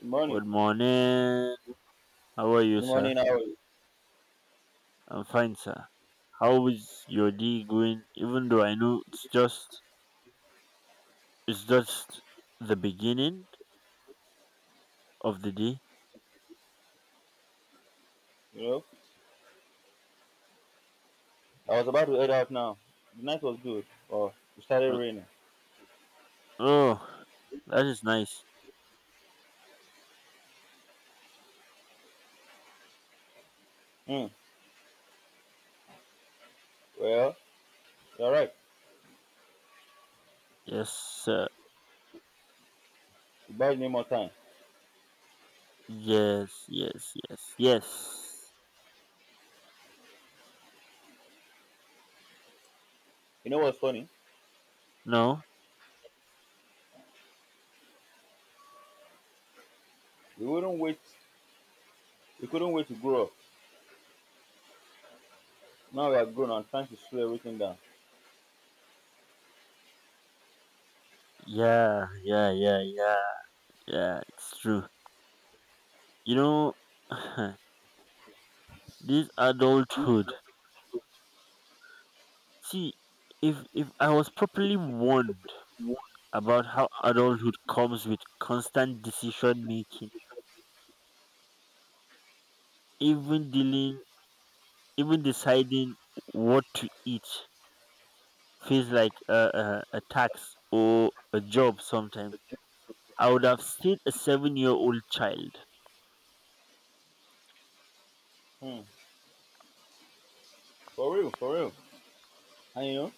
Good morning. Good morning. How are you, Good sir? morning. How are you? I'm fine, sir. How is your day going? Even though I know it's just the beginning of the day. know, I was about to head out now. The night was good. Oh, it started Uh, raining. Oh, that is nice. Hmm. Well, you're right. Yes, sir. It buys me more time. Yes, yes, yes, yes. You know what's funny? No. We wouldn't wait. We couldn't wait to grow up. Now we are grown and trying to slow everything down. Yeah, yeah, yeah, yeah, yeah. It's true. You know, this adulthood. See, if I was properly warned about how adulthood comes with constant decision making. Even dealing, even deciding what to eat feels like a tax or a job sometimes. I would have stayed a 7 year old child. Hmm. For real, for real. And you know,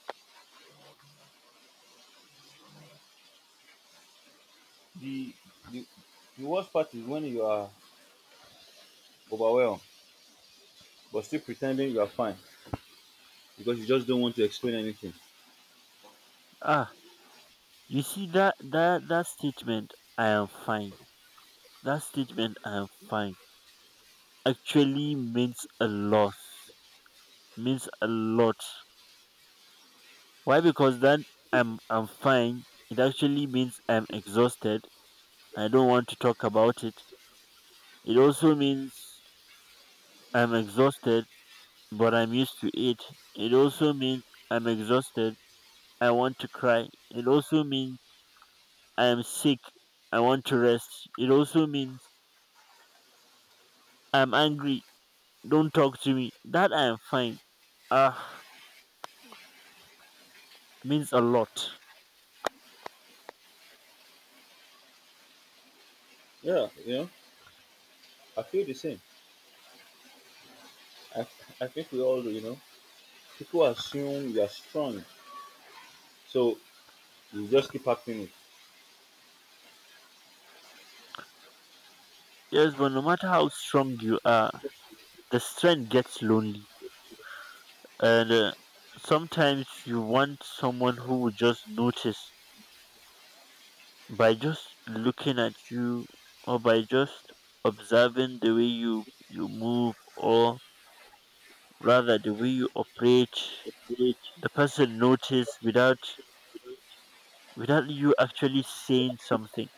the the the worst part is when you are overwhelmed, but still pretending you are fine because you just don't want to explain anything. Ah, you see that statement, I am fine. That statement, I am fine, actually means a lot. Means a lot. Why? Because then I'm fine. It actually means I'm exhausted. I don't want to talk about it. It also means I'm exhausted, but I'm used to it. It also means I'm exhausted. I want to cry. It also means I am sick. I want to rest. It also means I'm angry. Don't talk to me. That I am fine. Ah, means a lot. Yeah, you know, I feel the same. I, I think we all do, you know. People assume you are strong, so you just keep acting it. Yes, but no matter how strong you are, the strength gets lonely. And sometimes you want someone who will just notice by just looking at you or by just observing the way you move, or rather the way you operate, Which, the person notice without you actually saying something.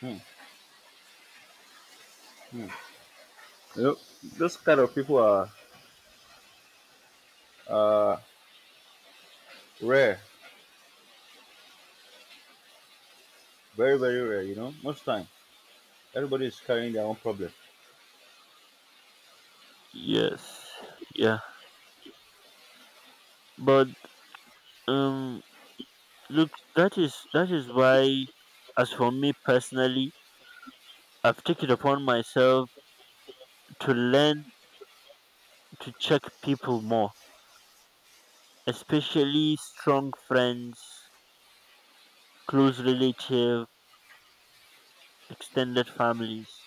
hmm, you know, those kind of people are uh, rare, very rare. You know, most time everybody is carrying their own problem. Yes, yeah, but um look, that is why, as for me personally, I've taken upon myself to learn to check people more, especially strong friends, close relatives, extended families.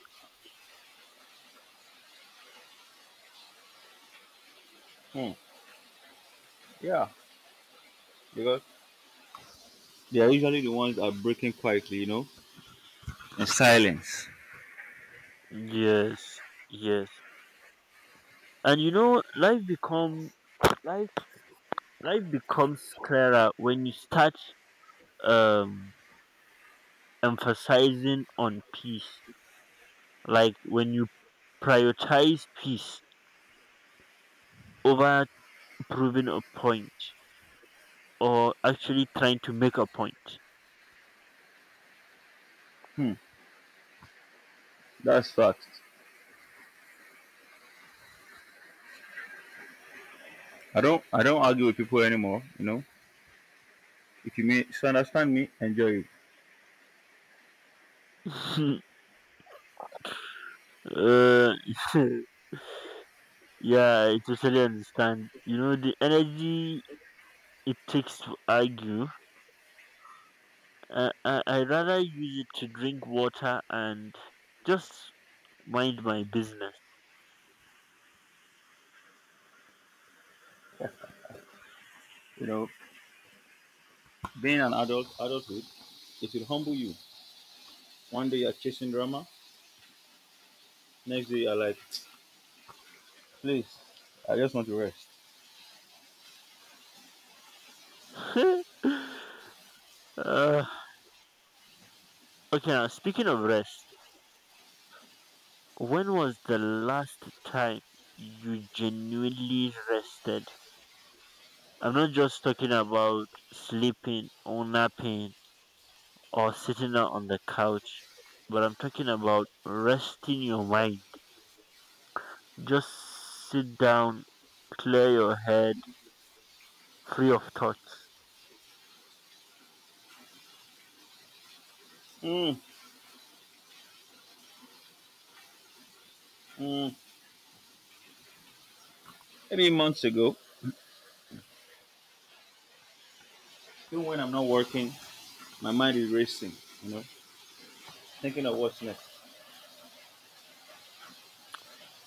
Hmm, yeah, because they are usually the ones that are breaking quietly. You know, in silence. Yes, yes. And you know, life life becomes clearer when you start um emphasizing on peace. Like when you prioritize peace over proving a point or actually trying to make a point. Hmm, that's fact. I don't argue with people anymore. You know, if you misunderstand me, enjoy it. uh, yeah, I totally understand. You know, the energy it takes to argue, I rather use it to drink water and just mind my business. You know, being an adult adulthood, it will humble you. One day you're chasing drama, next day you're like, please, I just want to rest. uh, okay, now speaking of rest, when was the last time you genuinely rested? I'm not just talking about sleeping or napping or sitting out on the couch, but I'm talking about resting your mind. Just sit down, clear your head, free of thoughts. Mm, mm. Maybe months ago, even when I'm not working, my mind is racing, you know, thinking of what's next.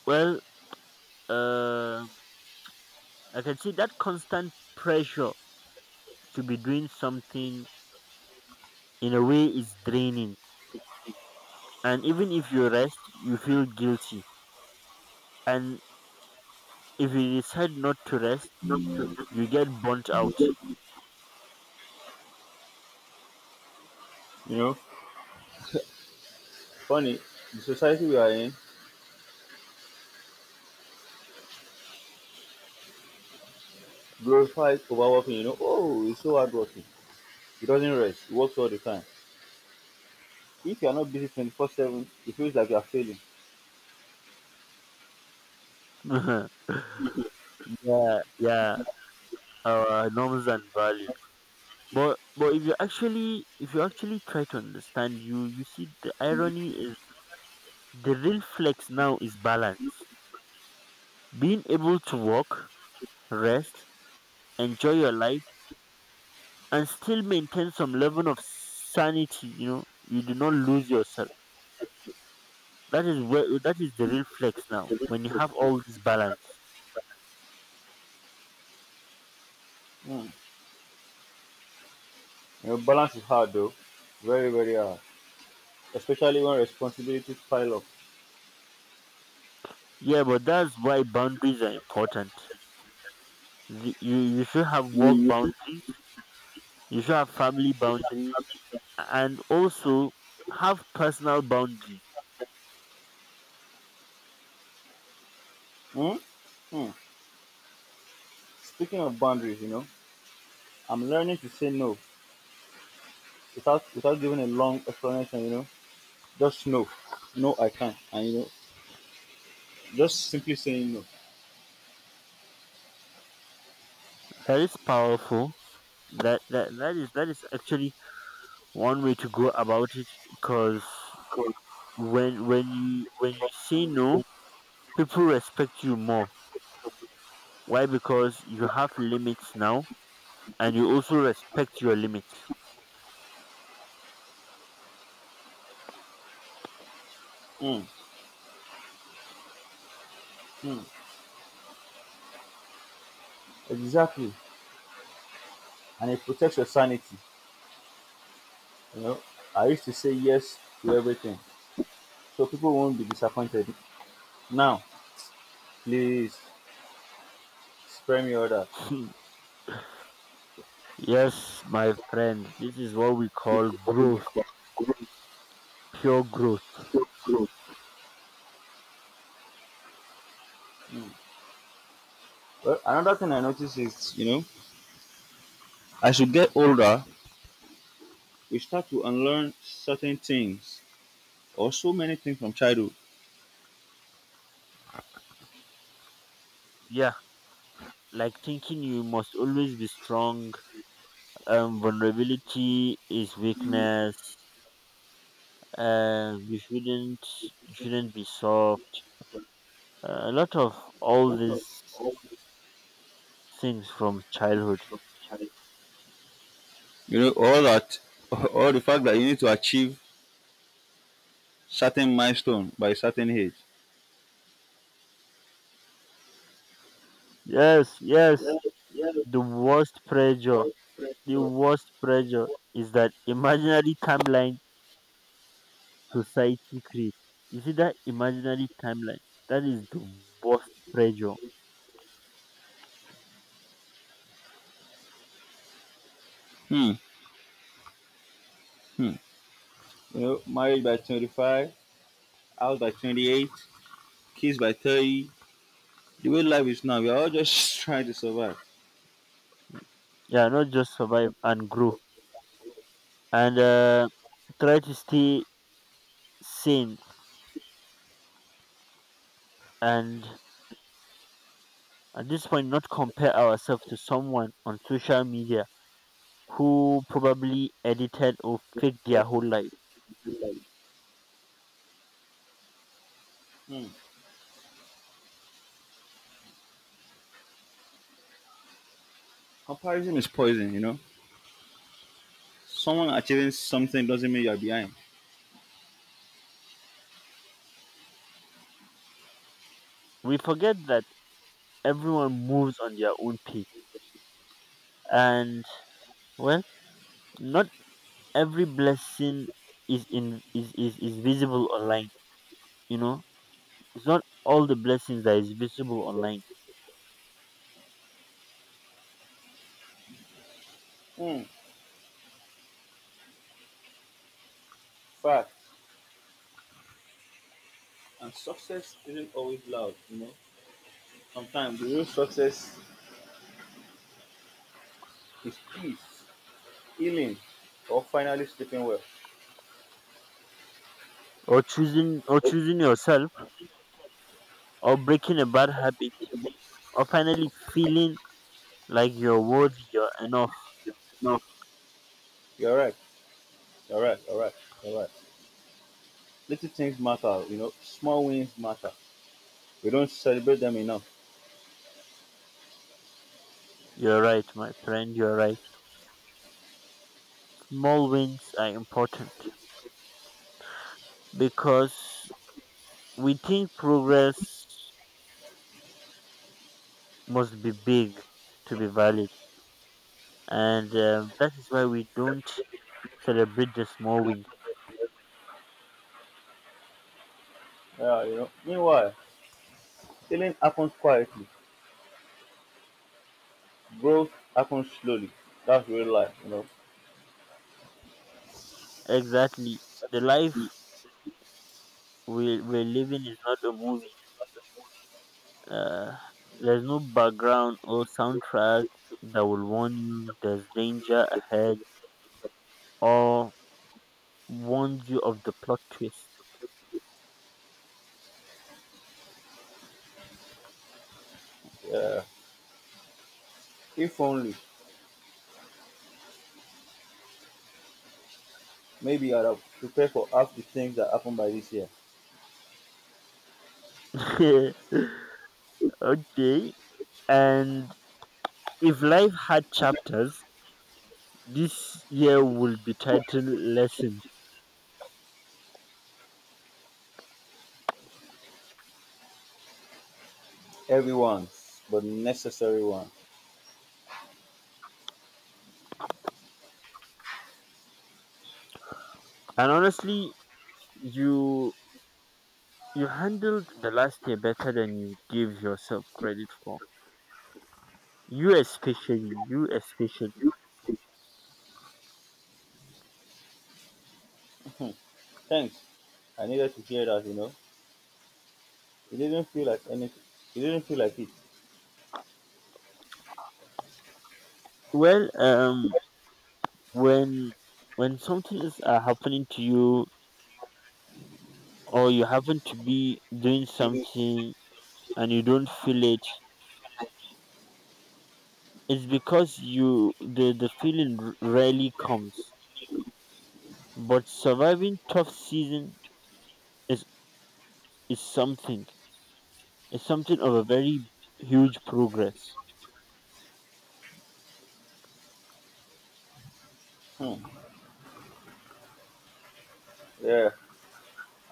Well, uh. I can see that constant pressure to be doing something in a way is draining. And even if you rest, you feel guilty. And if you decide not to rest, you get burnt out. You know, funny, the society we are in glorifies overworking, you know, oh, he's so hardworking. He doesn't rest, he works all the time. If you are not busy 24/7, it feels like you are failing. yeah, yeah, our norms and value. But if you actually try to understand, you see the irony is the real flex now is balance. Being able to walk, rest, enjoy your life and still maintain some level of sanity. You know, you do not lose yourself. That is where, that is the real flex now, when you have all this balance. Mm. You know, balance is hard though, very, very hard, especially when responsibilities pile up. Yeah, but that's why boundaries are important. You should have work boundaries, you should have family boundaries, and also have personal boundaries. Mm? Hmm. Speaking of boundaries, you know, I'm learning to say no without giving a long explanation, you know, just no, no, I can't, and you know, just simply saying no. That is powerful. That that, that is that is actually one way to go about it, because when you say no, people respect you more. Why? Because you have limits now, and you also respect your limits. Mm, mm. Exactly, and it protects your sanity. You know, I used to say yes to everything, so people won't be disappointed. Now, please spare me all that. yes, my friend, this is what we call growth, pure growth. Well, another thing I noticed is, you know, as you get older, we start to unlearn certain things or so many things from childhood. Yeah, like thinking you must always be strong. Vulnerability is weakness. You shouldn't be soft. A lot of all these things from childhood. You know, all that, all the fact that you need to achieve certain milestone by certain age. Yes, yes. The worst pressure, the worst pressure is that imaginary timeline society create. You see that imaginary timeline? That is the worst pressure. Hmm. Hmm. You know, marriage by 25, house by 28, kids by 30. The way life is now, we are all just trying to survive. Yeah, not just survive and grow, and try to stay sane and, at this point, not compare ourselves to someone on social media who probably edited or faked their whole life. Hmm. Comparison is poison, you know. Someone achieving something doesn't mean you're behind. We forget that everyone moves on their own pace and, well, not every blessing is in is, is visible online, you know. It's not all the blessings that is visible online. Hmm. Fact. And success isn't always loud, you know. Sometimes the real success is peace, healing, or finally sleeping well. Or choosing yourself, or breaking a bad habit, or finally feeling like you're worthy, you're enough. No. You're right. You're right. You're right. You're right. Little things matter, you know. Small wins matter. We don't celebrate them enough. You're right, my friend, you're right. Small wins are important because we think progress must be big to be valid. And that is why we don't celebrate the small wins. Yeah, you know. Meanwhile, healing happens quietly. Growth happens slowly. That's real life, you know. Exactly. The life we're living is not a movie. Uh, there's no background or soundtrack that will warn you there's danger ahead, or warn you of the plot twist. Yeah. If only, maybe I'd have prepared for half the things that happened by this year. okay. And if life had chapters, this year will be titled lessons. Everyone's, but necessary one. And honestly, you you handled the last year better than you give yourself credit for. You especially, you especially. Thanks. I needed to hear that, you know. It didn't feel like anything. It didn't feel like it. Well, when when something is happening to you, or you happen to be doing something and you don't feel it, it's because you the feeling rarely comes. But surviving tough season is, is something is something of a very huge progress. Hmm. Yeah.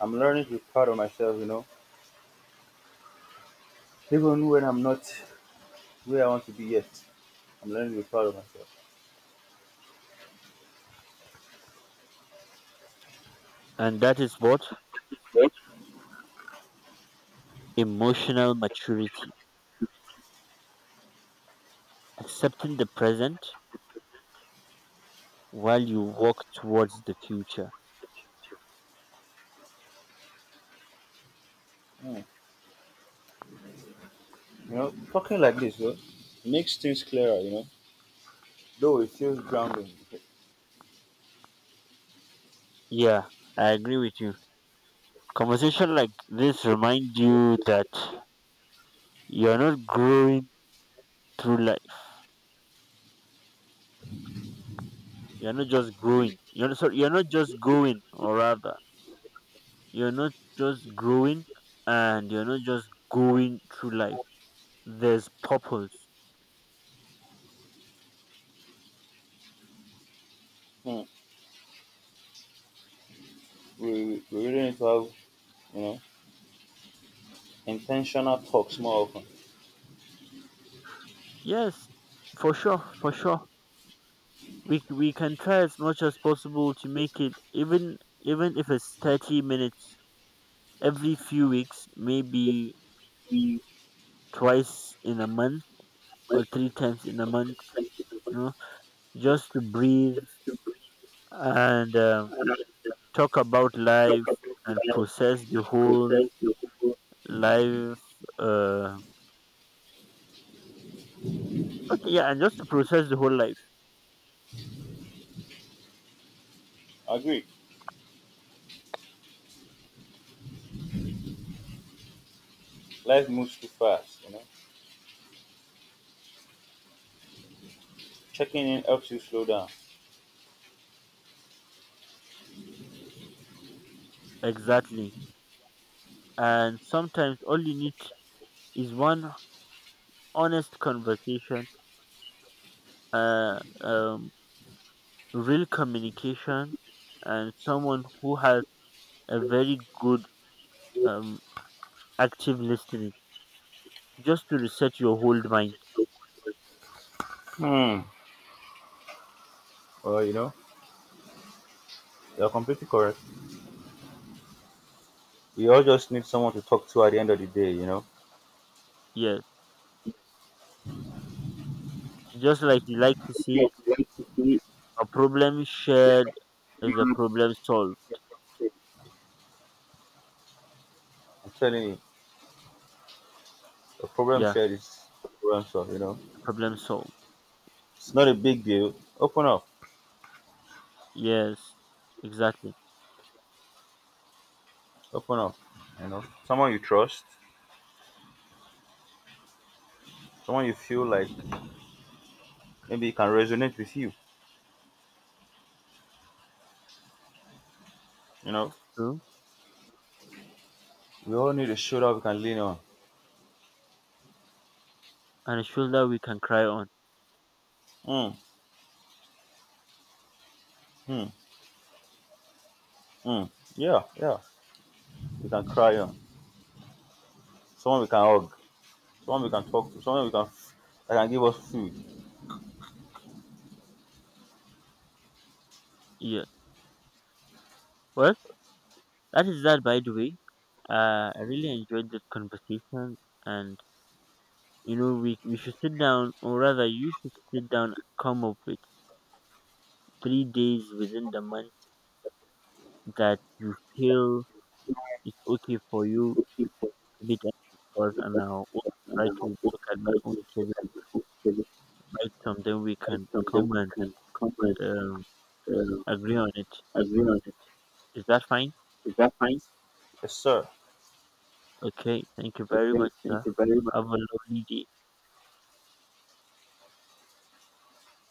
I'm learning to be proud of myself, you know. Even when I'm not where I want to be yet, I'm learning to be proud of myself. And that is what emotional maturity, accepting the present while you walk towards the future. Hmm. You know, talking like this, though, makes things clearer, you know. Though it feels grounding, Yeah, I agree with you. Conversation like this remind you that you're not growing through life. You're not just growing. You're not, sorry, you're not just going, or rather, you're not just growing and you're not just going through life. There's purpose. hmm, we really need to have, you know, intentional talks more often. Yes, for sure, for sure. We can try as much as possible to make it, even even if it's 30 minutes every few weeks, maybe twice in a month or three times in a month. You know, just to breathe and talk about life and process the whole life uh okay yeah, and just to process the whole life. Agreed. Life moves too fast, you know. Checking in helps you slow down. Exactly, and sometimes all you need is one honest conversation, uh um real communication, and someone who has a very good um active listening, just to reset your whole mind. Hmm. Well, you know, you're completely correct. We all just need someone to talk to at the end of the day, you Yes, just like you like to see, a problem shared is a know. problem solved. I'm telling you, a problem Yeah. shared is a problem solved, you know. Problem solved. It's not a big deal. Open up. Yes, exactly. Open up. You know. Someone you trust, someone you feel like maybe can resonate with you. You know. True. We all need a shoulder we can lean on. And a shoulder we can cry on. Mm, mm, mm. Yeah, yeah. We can cry on. Someone we can hug. Someone we can talk to. Someone we can that can give us food. Yeah. Well, that is that, by the way. I really enjoyed this conversation, and you know we should sit down, or rather you should sit down, and come up with three days within the month that you feel it's okay for you to be, because, and I'll also And try then, I'll to book look at my writers own who schedule, can be hooked, right? Something we can from them come and can come and um, uh, agree on it. agreement. Is that fine? Is that fine? Yes, sir. Okay, thank you very Okay, much, thank sir. you very much. Have a lovely day.